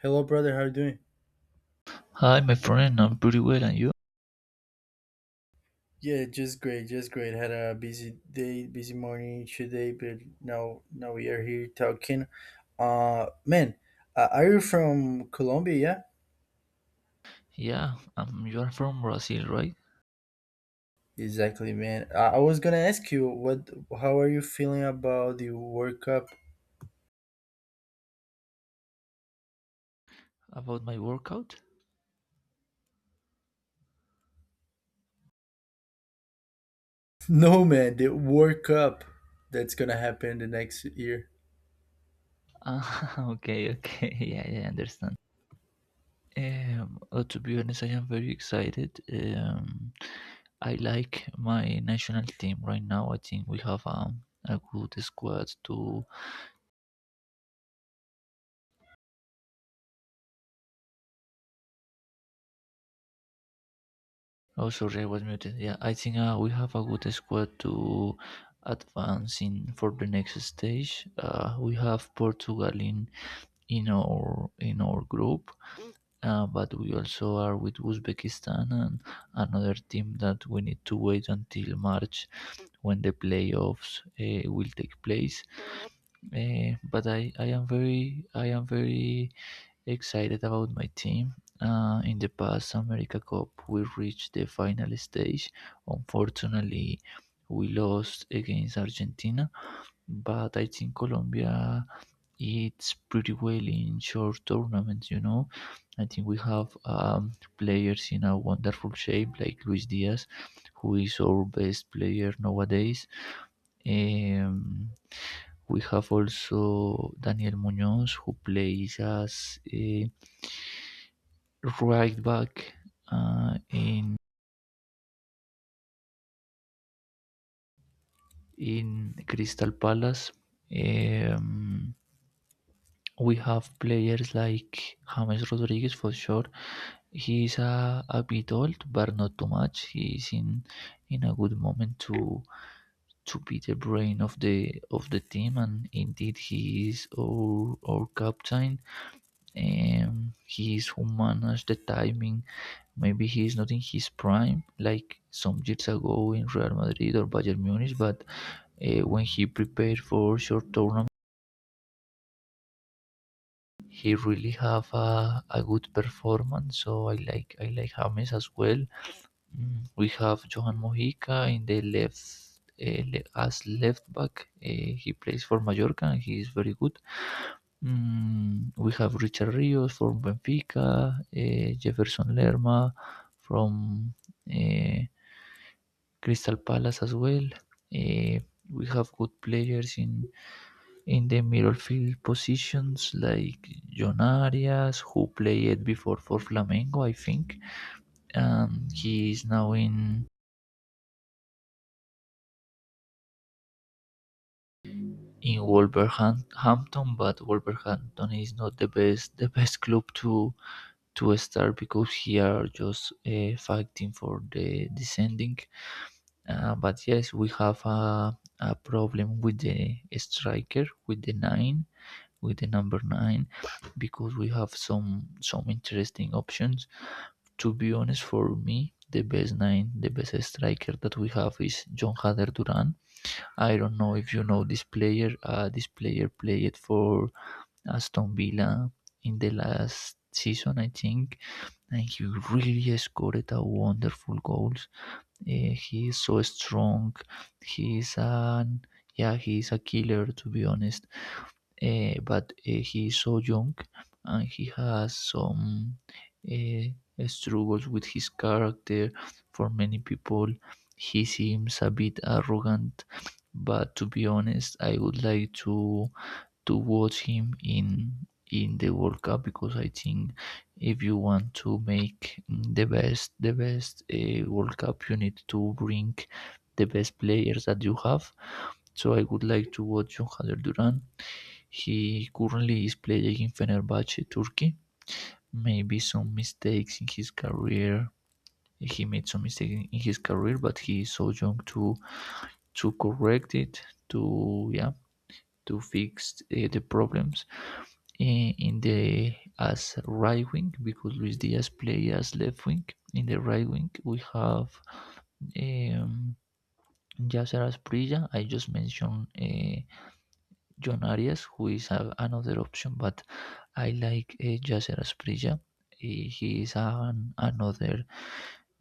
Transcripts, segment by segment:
Hello, brother. How are you doing? Hi, my friend. I'm pretty well, and you? Yeah, just great, just great. Had a busy day, busy morning today, but now we are here talking. Uh, man, are you from Colombia? Yeah, you are from Brazil, right? Yeah, exactly, man. I was gonna ask you how are you feeling about the World Cup? About my workout? No, man, the World Cup that's gonna happen the next year. Ah, okay. I understand. To be honest, I am very excited. I like my national team right now. I think we have a good squad to. Oh, sorry, I was muted. Yeah, I think we have a good squad to advance in for the next stage. We have Portugal in our group. But we also are with Uzbekistan and another team that we need to wait until March when the playoffs will take place. But I am very excited about my team. In the past America Cup, we reached the final stage. Unfortunately, we lost against Argentina, but I think Colombia it's pretty well in short tournaments, you know. I think we have players in a wonderful shape, like Luis Diaz, who is our best player nowadays. Um, we have also Daniel Munoz, who plays as a right back uh, in in Crystal Palace. Um, we have players like James Rodriguez for sure. He's a bit old, but not too much. He's In a good moment to be the brain of the team, and indeed he is our captain. He is who managed the timing. Maybe he is not in his prime like some years ago in Real Madrid or Bayern Munich, but when he prepared for short tournaments he really have a good performance. So I like James as well. Mm, we have Johan Mojica in the left as left back. He plays for Mallorca and he is very good. Mm, we have Richard Rios from Benfica, Jefferson Lerma from uh, Crystal Palace as well. Uh, we have good players in the midfield positions like John Arias, who played before for Flamengo, I think. And he is now in Wolverhampton, but Wolverhampton is not the best club to start because he are just fighting for the descending. But yes, we have a problem with the striker, with the nine, with the number nine, because we have some interesting options to be honest. For me, the best striker that we have is John Hader Duran. I don't know if you know this player. This player played for Aston Villa in the last season, I think, and he really scored a wonderful goals. He is so strong. He is an Yeah, he is a killer to be honest, but he is so young and he has some uh, struggles with his character. For many people, he seems a bit arrogant, but to be honest, I would like to watch him in the World Cup because I think if you want to make the best World Cup, you need to bring the best players that you have. So I would like to watch John Haller Duran. He currently is playing in Fenerbahce Turkey. Maybe some mistakes in his career. He made some mistakes in his career, but he is so young to correct it. To yeah, to fix the problems in the as right wing because Luis Diaz plays as left wing. In the right wing we have um, Yasser Asprilla. I just mentioned John Arias, who is another option, but I like Yasser Asprilla. He is another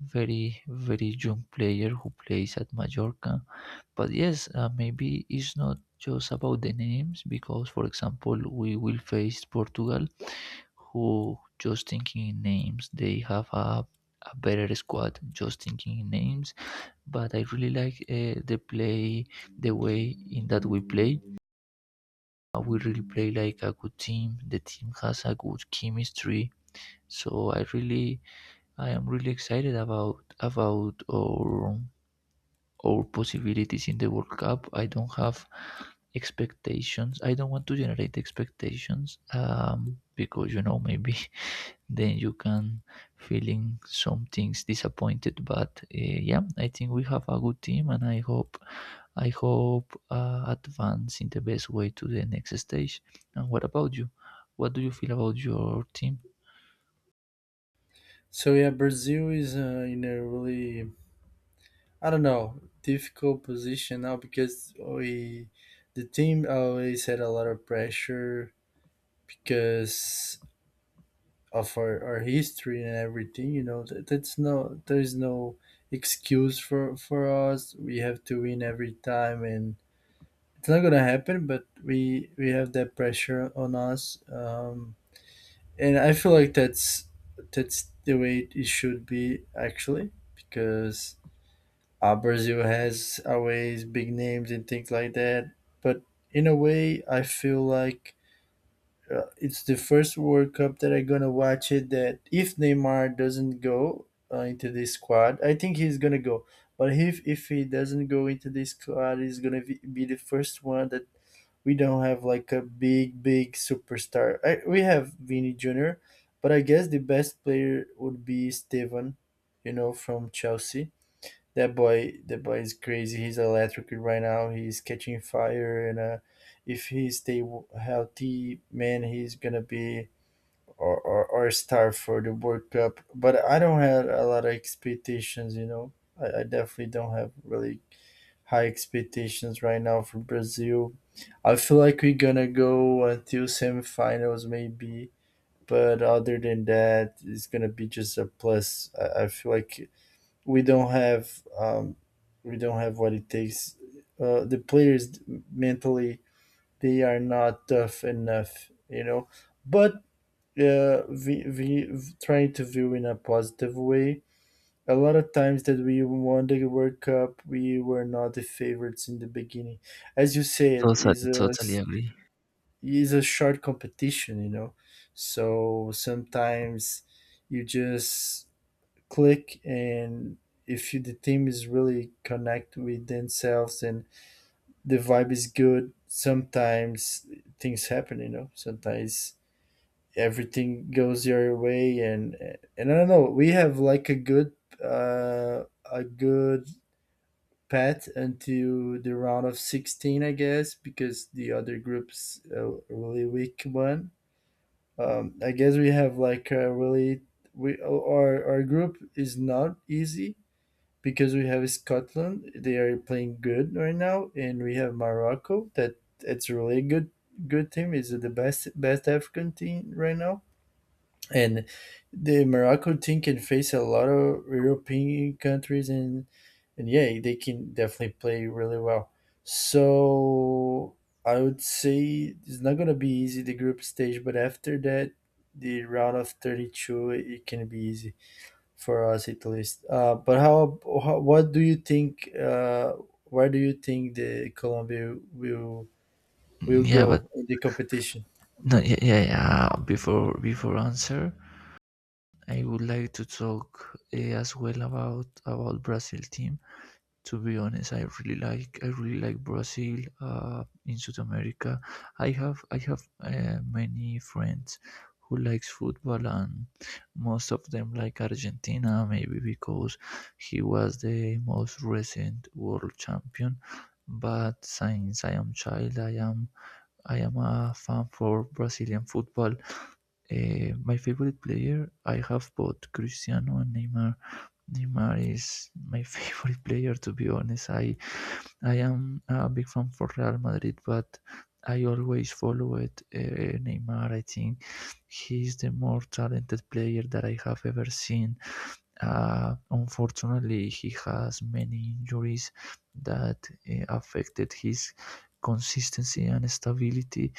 very young player who plays at Mallorca. But yes, maybe it's not just about the names because, for example, we will face Portugal, who just thinking in names, they have a better squad just thinking in names, but I really like the way in that we play, we really play like a good team. The team has a good chemistry, so I am really excited about our possibilities in the World Cup. I don't have expectations. I don't want to generate expectations, because you know maybe then you can feeling some things disappointed, but yeah, I think we have a good team and I hope, I hope advance in the best way to the next stage. And what about you? What do you feel about your team? So yeah, Brazil is in a really, I don't know, difficult position now because we the team always had a lot of pressure because of our history and everything, you know, that, that's no there's no excuse for us. We have to win every time and it's not gonna happen, but we have that pressure on us. And I feel like that's the way it should be actually because Brazil has always big names and things like that. But in a way, I feel like it's the first World Cup that I'm gonna watch it. That if Neymar doesn't go into this squad, I think he's gonna go. But if he doesn't go into this squad, he's gonna be the first one that we don't have like a big superstar. We have Vini Junior, but I guess the best player would be Steven, you know, from Chelsea. That that boy is crazy. He's electric right now. He's catching fire, and if he stay w- healthy, man, he's gonna be or star for the World Cup. But I don't have a lot of expectations, you know. I definitely don't have really high expectations right now for Brazil. I feel like we're gonna go until semifinals, maybe. But other than that, it's gonna be just a plus. I feel like we don't have what it takes. The players mentally, they are not tough enough, you know. But we trying to view in a positive way. A lot of times that we won the World Cup, we were not the favorites in the beginning. As you said, Totally, totally agree. is a short competition, you know. So sometimes you just click and if you, the team is really connect with themselves and the vibe is good sometimes things happen, you know. Sometimes everything goes your way, and I don't know, we have like uh a good path until the round of 16, I guess, because the other groups a really weak one. I guess we have like a really we our group is not easy because we have Scotland, they are playing good right now, and we have Morocco that it's really good team. Is the best African team right now, and the Morocco team can face a lot of European countries, and yeah, they can definitely play really well. So I would say it's not gonna be easy the group stage, but after that, the round of 32, it can be easy for us at least. But how? What do you think? Where do you think the Colombia will Yeah but go in the competition? No, yeah, before answer I would like to talk as well about Brazil team. To be honest, I really like Brazil in South America. I have many friends who likes football and most of them like Argentina maybe because he was the most recent world champion. But since I am child, I am a fan for Brazilian football. Eh, my favorite player, I have both Cristiano and Neymar. Neymar is my favorite player to be honest. I am a big fan for Real Madrid, but I always followed Neymar. I think he's the more talented player that I have ever seen. Unfortunately, he has many injuries that affected his consistency and stability.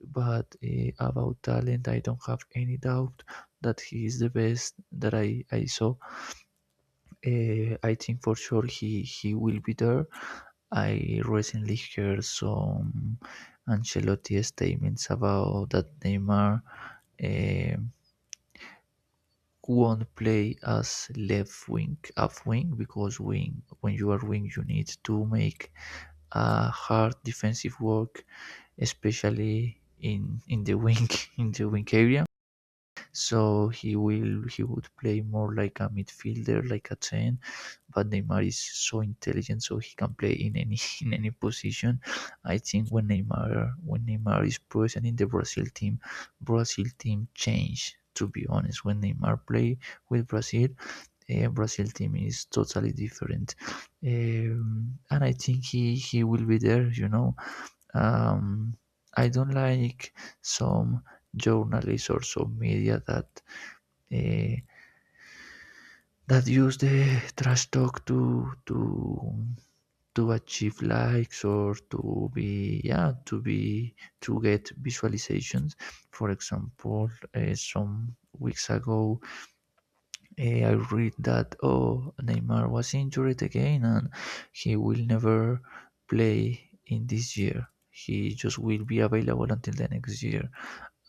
But about talent, I don't have any doubt that he is the best that I saw. I think for sure he will be there. I recently heard some Ancelotti statements about that Neymar um won't play as left wing, half wing, because wing when you are wing you need to make a hard defensive work, especially in the wing in the wing area, so he would play more like a midfielder, like a ten. But Neymar is so intelligent, so he can play in any in any position. I think when Neymar is present in the Brazil team change. To be honest, when Neymar play with Brazil, Brazil team is totally different, and I think he will be there. You know, um, I don't like some journalists or some media that uh, that use the trash talk to to achieve likes or to be, to be, to get visualizations. For example, some weeks ago, eh, I read that, oh, Neymar was injured again and he will never play in this year. He just will be available until the next year.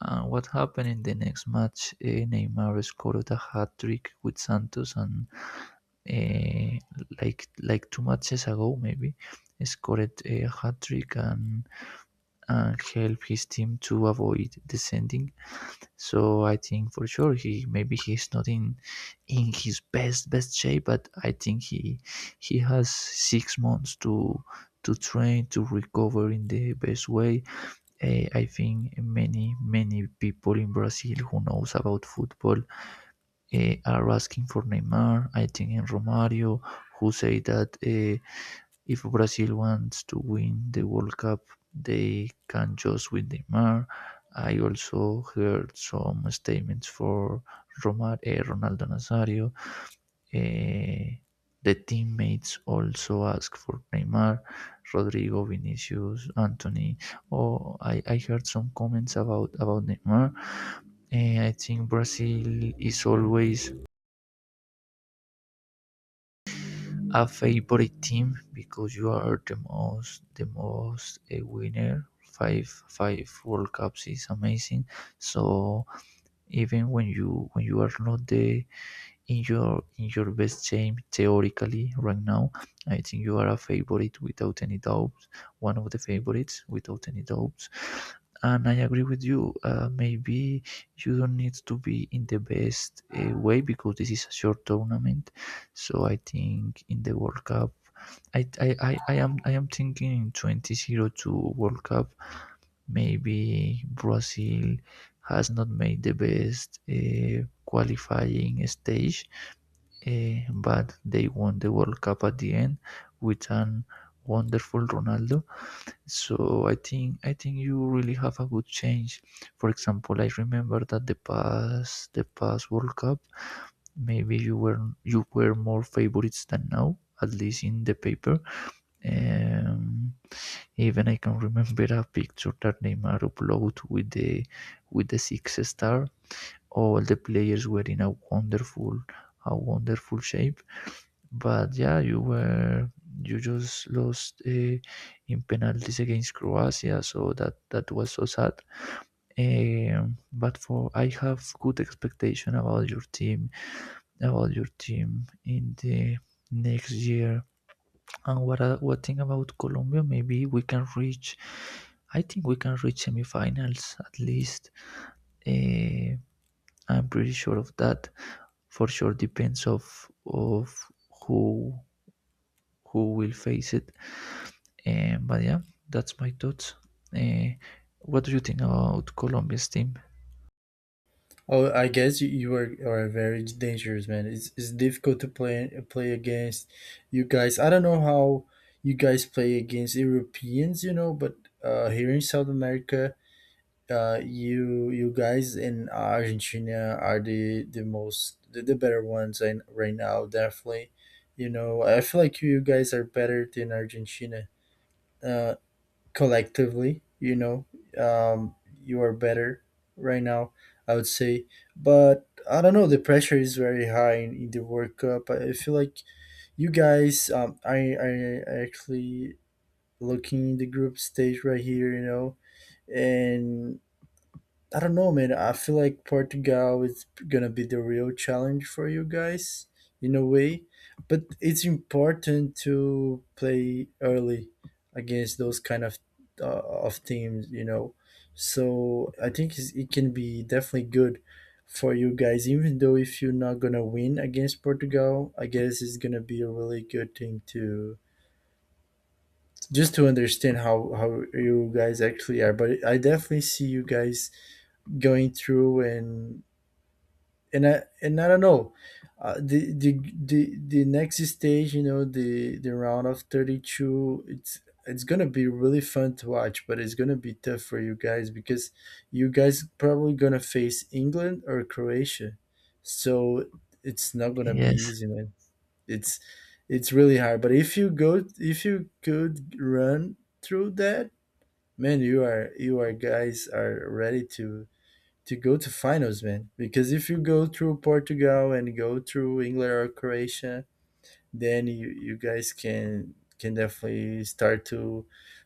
And what happened in the next match? Eh, Neymar scored a hat trick with Santos, and eh, like two matches ago, maybe, scored a hat trick and helped his team to avoid descending. So I think for sure he maybe he's not in in his best shape, but I think he has 6 months to train to recover in the best way. Uh, I think many people in Brazil who knows about football are asking for Neymar. I think in Romario who say that if Brazil wants to win the World Cup, they can just win Neymar. I also heard some statements for Romar, Ronaldo Nazario. Eh, the teammates also ask for Neymar, Rodrigo, Vinicius, Anthony. Oh, I heard some comments about Neymar. Eh, I think Brazil is always a favorite team because you are the most a winner. Five World Cups is amazing. So even when you are not the in your best shape theoretically right now, I think you are a favorite without any doubts, one of the favorites without any doubts. And I agree with you. Maybe you don't need to be in the best way because this is a short tournament. So I think in the World Cup, I am thinking in 2002 World Cup. Maybe Brazil has not made the best qualifying stage. Eh, but they won the World Cup at the end with an wonderful Ronaldo. So I think you really have a good change. For example, I remember that the past World Cup, maybe you were more favorites than now, at least in the paper. Um, even I can remember a picture that Neymar uploaded with the six star. All the players were in a wonderful shape, but yeah, you just lost in penalties against Croatia, so that was so sad. But for I have good expectation about your team in the next year. And what I- what thing about Colombia? Maybe we can reach. I think we can reach semifinals at least. Uh, I'm pretty sure of that. For sure, depends of who will face it. Eh, but yeah, that's my thoughts. Eh, what do you think about Colombia's team? Oh, I guess you are very dangerous, man. It's difficult to play against you guys. I don't know how you guys play against Europeans, you know, but here in South America, you, you guys in Argentina are the better ones. Right now, definitely, you know, I feel like you guys are better than Argentina, uh, collectively, you know. um, you are better right now, I would say. But I don't know, the pressure is very high in the World Cup. I feel like you guys, I actually looking in the group stage right here, you know. And I don't know, man. I feel like Portugal is gonna be the real challenge for you guys in a way, but it's important to play early against those kind of teams, you know. So I think it can be definitely good for you guys, even though if you're not gonna win against Portugal, I guess it's gonna be a really good thing to just to understand how you guys actually are. But I definitely see you guys going through and I don't know, the next stage, you know, the round of 32, it's gonna be really fun to watch, but it's gonna be tough for you guys because you guys probably gonna face England or Croatia, so it's not gonna be Yes. easy, man. It's it's really hard, but if you go, if you could run through that, man, you are guys are ready to go to finals, man. Because if you go through Portugal and go through England or Croatia, then you guys can definitely start to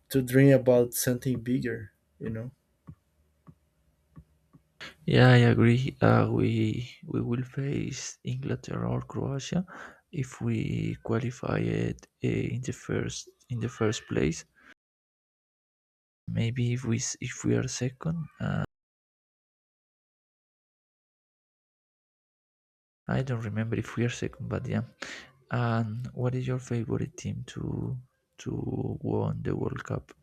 dream about something bigger. You know. Yeah, I agree. We will face Inglaterra or Croatia if we qualify it in the first place. Maybe if if we are second. I don't remember if we are second, but yeah. And what is your favorite team to won the World Cup?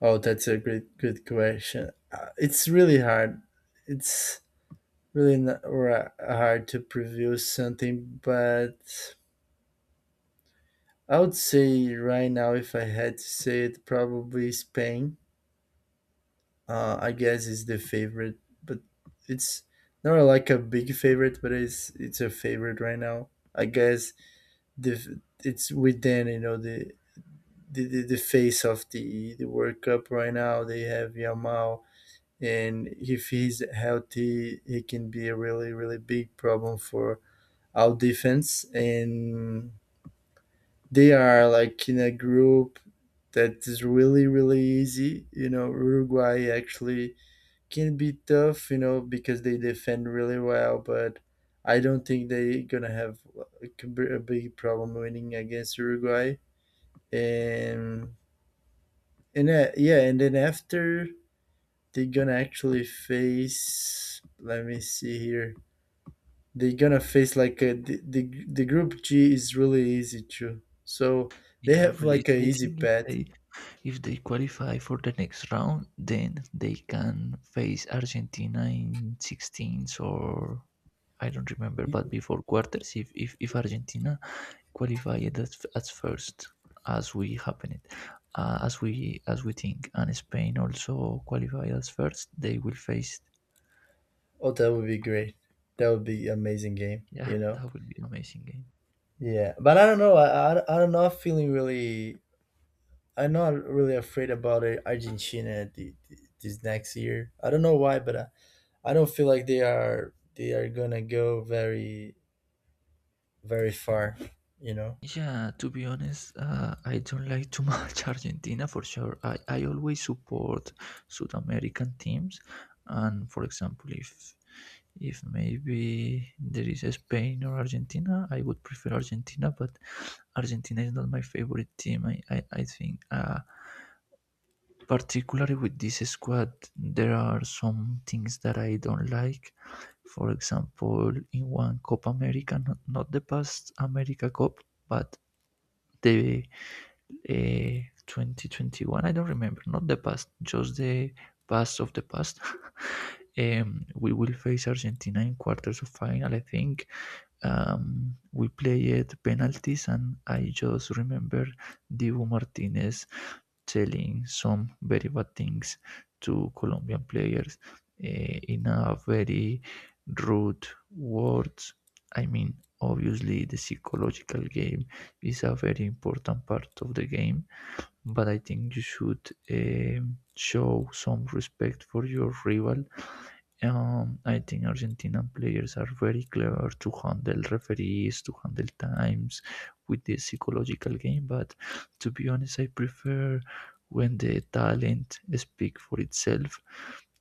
Oh, that's a great good question. It's really hard. It's really not ra- hard to preview something, but I would say right now, if I had to say it, probably Spain, I guess, is the favorite. But it's not like a big favorite, but it's a favorite right now. I guess the it's within, you know, the face of the World Cup right now. They have Yamal, and if he's healthy, he can be a really really big problem for our defense. And they are like in a group that is really really easy. You know, Uruguay actually can be tough, you know, because they defend really well, but I don't think they're gonna have a a big problem winning against Uruguay. And and yeah, and then after they're gonna actually face. Let me see here. They're gonna face like a, the group G is really easy too. So they Yeah, have really. like a I easy think path. If they qualify for the next round, then they can face Argentina in sixteens or I don't remember, but before quarters, if Argentina qualified as first, as we happen it, as we think, and Spain also qualify as first, they will face. Oh, that would be great. That would be amazing game. Yeah, You know. that will be an amazing game. Yeah, but I don't know. I am not feeling really. I'm not really afraid about it, Argentina, this next year. I don't know why, but I don't feel like they are gonna go very far. You know. Yeah, to be honest, I don't like too much Argentina for sure. I always support South American teams, and for example, if maybe there is a Spain or Argentina, I would prefer Argentina. But Argentina is not my favorite team. I think, particularly with this squad, there are some things that I don't like. For example, in one Copa America, not the past America Cup, but the uh, 2021, I don't remember, not the past, just the past of the past, we will face Argentina in quarters of final I think. We played penalties, and I just remember Dibu Martinez telling some very bad things to Colombian players, in a very rude words. I mean, obviously, the psychological game is a very important part of the game, but I think you should show some respect for your rival. I think Argentinian players are very clever to handle referees, to handle times with the psychological game. But to be honest, I prefer when the talent speak for itself.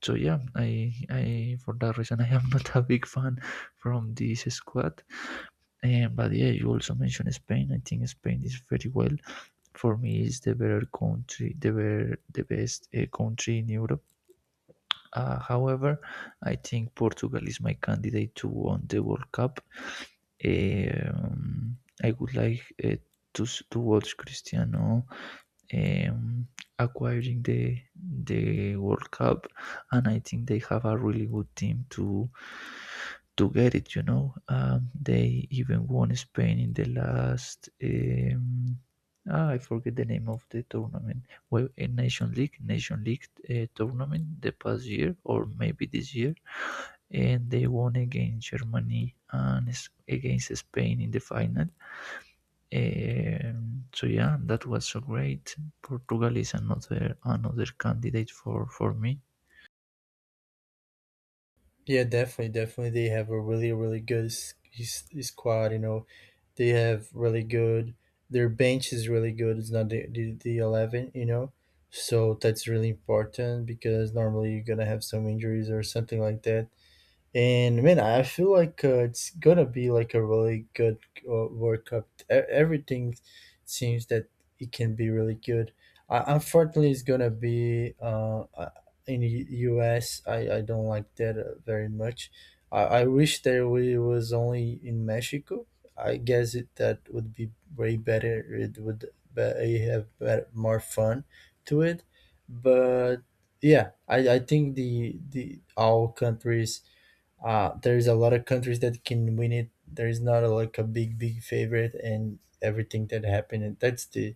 So yeah, I, for that reason, I am not a big fan from this squad. But yeah, you also mentioned Spain. I think Spain is very well. For me, it's the better country, the better, the best country in Europe. However, I think Portugal is my candidate to win the World Cup. Um, I would like to to watch Cristiano um, acquiring the World Cup, and I think they have a really good team to get it. You know, they even won Spain in the last. I forget the name of the tournament. Well, a Nation League tournament the past year or maybe this year, and they won against Germany and against Spain in the final. Eh, so yeah, that was so great. Portugal is another candidate for me. Yeah, definitely, definitely. They have a really really good squad. You know, they have really good. Their bench is really good. It's not the eleven. You know. So that's really important because normally you're gonna have some injuries or something like that. And man, I feel like it's gonna be like a really good World Cup. E- everything seems that it can be really good. I- unfortunately, it's gonna be in the U.S. I don't like that very much. I wish that we was only in Mexico. I guess it that would be way better. It would be, have better, more fun to it, but yeah, I think the all countries, there's a lot of countries that can win it. There is not a, like a big favorite, and everything that happened. And that's the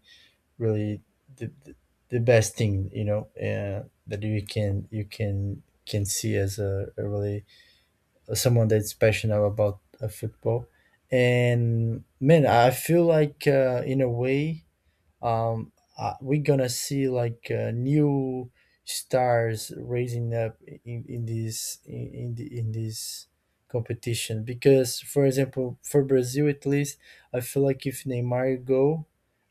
really the, the, the best thing, you know, that you can see as a really someone that's passionate about football. And man, I feel like in a way, um, we're gonna see like new stars raising up in this in, the, in this competition. Because for example for Brazil at least, I feel like if Neymar go,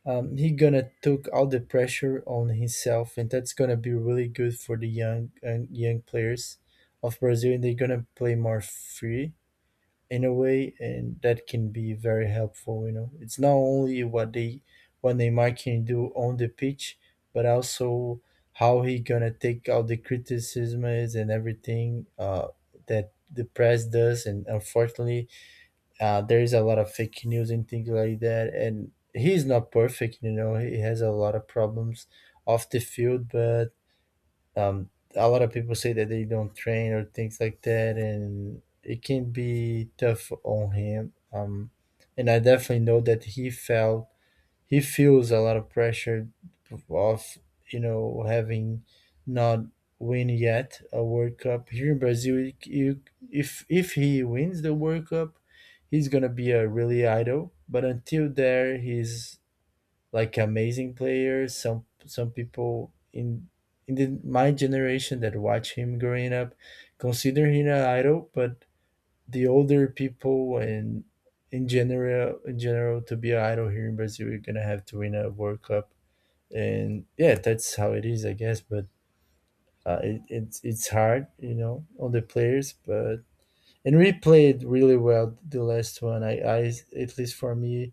he gonna took all the pressure on himself, and that's gonna be really good for the young young players of Brazil, and they're gonna play more free in a way, and that can be very helpful. You know, it's not only what Neymar can do on the pitch, but also how he gonna take out the criticisms and everything that the press does. And unfortunately, there is a lot of fake news and things like that. And he's not perfect. You know, he has a lot of problems off the field, but um, a lot of people say that they don't train or things like that, and it can be tough on him. And I definitely know that he feels a lot of pressure of, you know, having not win yet a World Cup here in Brazil. If he wins the World Cup, he's gonna be a really idol. But until there, he's like amazing players. Some people in my generation that watch him growing up consider him an idol, but the older people and in general, to be an idol here in Brazil, you're gonna have to win a World Cup, and yeah, that's how it is, I guess. But it's hard, you know, on the players, but and we played really well the last one. I At least for me,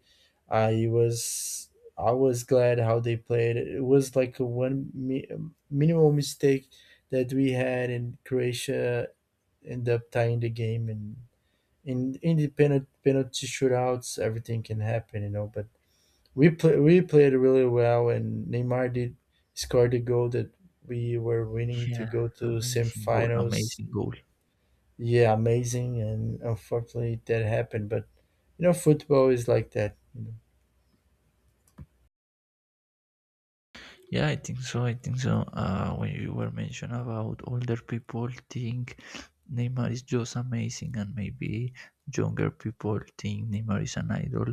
I was I was glad how they played. It was like a minimal mistake that we had, and Croatia ended up tying the game. And in independent penalty shootouts, everything can happen, you know. But we played really well, and Neymar did score the goal that we were winning to Yeah, go to semifinals. amazing goal. Yeah, amazing, and unfortunately that happened. But you know, football is like that. You know. Yeah, I think so. I think so. When you were mentioned about older people think Neymar is just amazing, and maybe younger people think Neymar is an idol.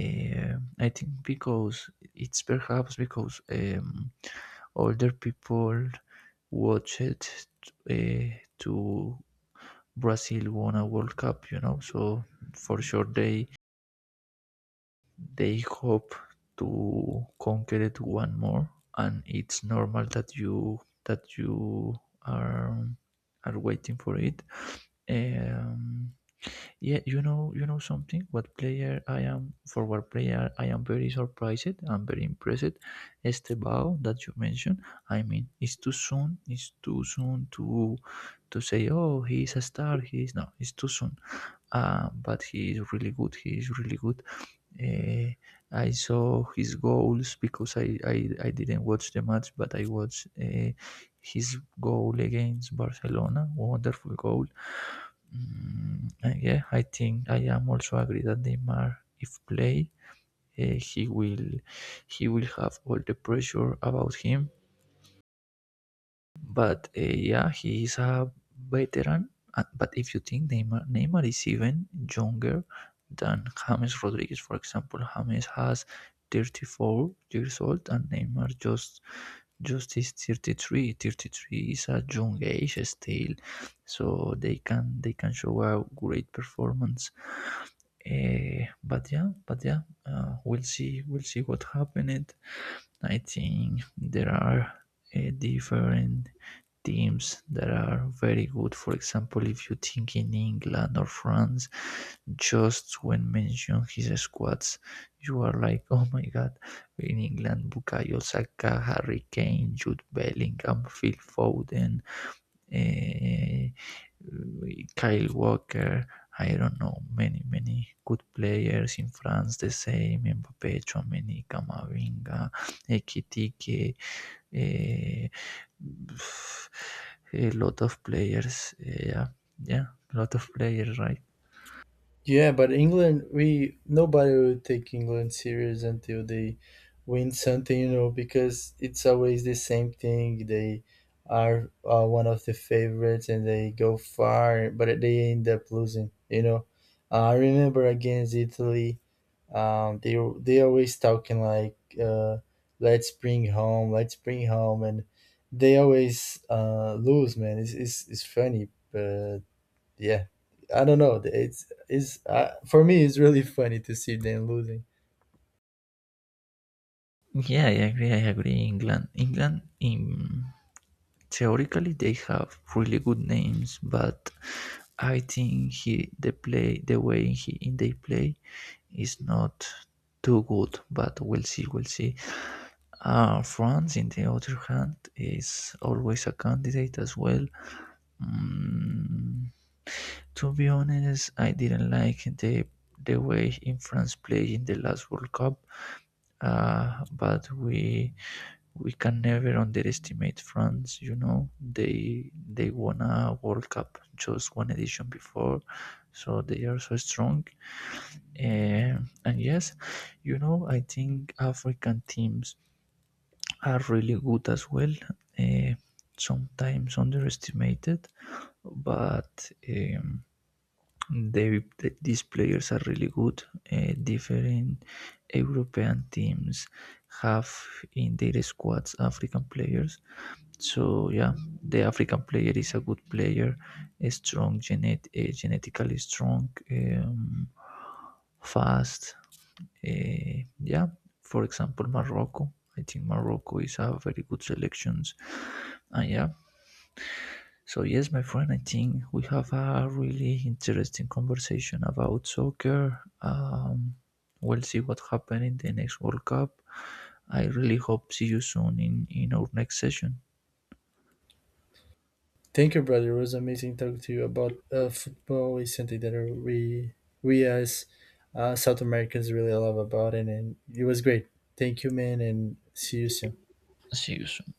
Eh, I think because it's perhaps because older people watch it to Brazil won a World Cup, you know, so for sure they hope to conquer it one more, and it's normal that you are are waiting for it. Um, yeah, you know, something. What player I am forward player I am very surprised. I'm very impressed. Estebao that you mentioned. I mean, it's too soon. It's too soon to say, oh, he's a star. He's no. It's too soon, but he is really good. He is really good. Uh, I saw his goals because I didn't watch the match, but I watched his goal against Barcelona. Wonderful goal. Mm, and yeah, I think I am also agree that Neymar, if play, he will have all the pressure about him. But yeah, he is a veteran. But if you think Neymar is even younger than James Rodriguez, for example. James has 34 years old and Neymar just is 33. 33 is a young age still, so they can show a great performance. But yeah, we'll see what happened. I think there are different teams that are very good. For example, if you think in England or France, just when mention his squads, you are like, oh my god, in England, Bukayo Saka, Harry Kane, Jude Bellingham, Phil Foden, eh, Kyle Walker, I don't know, many good players. In France, the same, Mbappe, Chouameni, Camavinga, Ekitike, eh, a lot of players, yeah, a lot of players, right? Yeah, but England, we, nobody will take England serious until they win something, you know, because it's always the same thing. They are one of the favorites and they go far, but they end up losing. You know, I remember against Italy, they always talking like uh, let's bring home let's bring home. And they always lose, man. It's funny, but yeah, I don't know, it's for me, it's really funny to see them losing. Yeah, I agree, England in theoretically they have really good names, but I think he the play the way he in they play is not too good. But we'll see. France, in the other hand, is always a candidate as well. Mm, to be honest, I didn't like the way in France played in the last World Cup, but we can never underestimate France. You know, they won a World Cup just one edition before, so they are so strong. Eh, and yes, you know, I think African teams are really good as well. Eh, Sometimes underestimated, but they, these players are really good. Different European teams have in their squads African players, so yeah, the African player is a good player, a strong genetically strong, fast. Yeah, for example, Morocco. I think Morocco is a very good selections, and yeah. So yes, my friend, I think we have a really interesting conversation about soccer. We'll see what happens in the next World Cup. I really hope see you soon in our next session. Thank you, brother. It was amazing talking to you about, football is something that we we as South Americans really love about it, and it was great. Thank you, man, and see you soon. See you soon.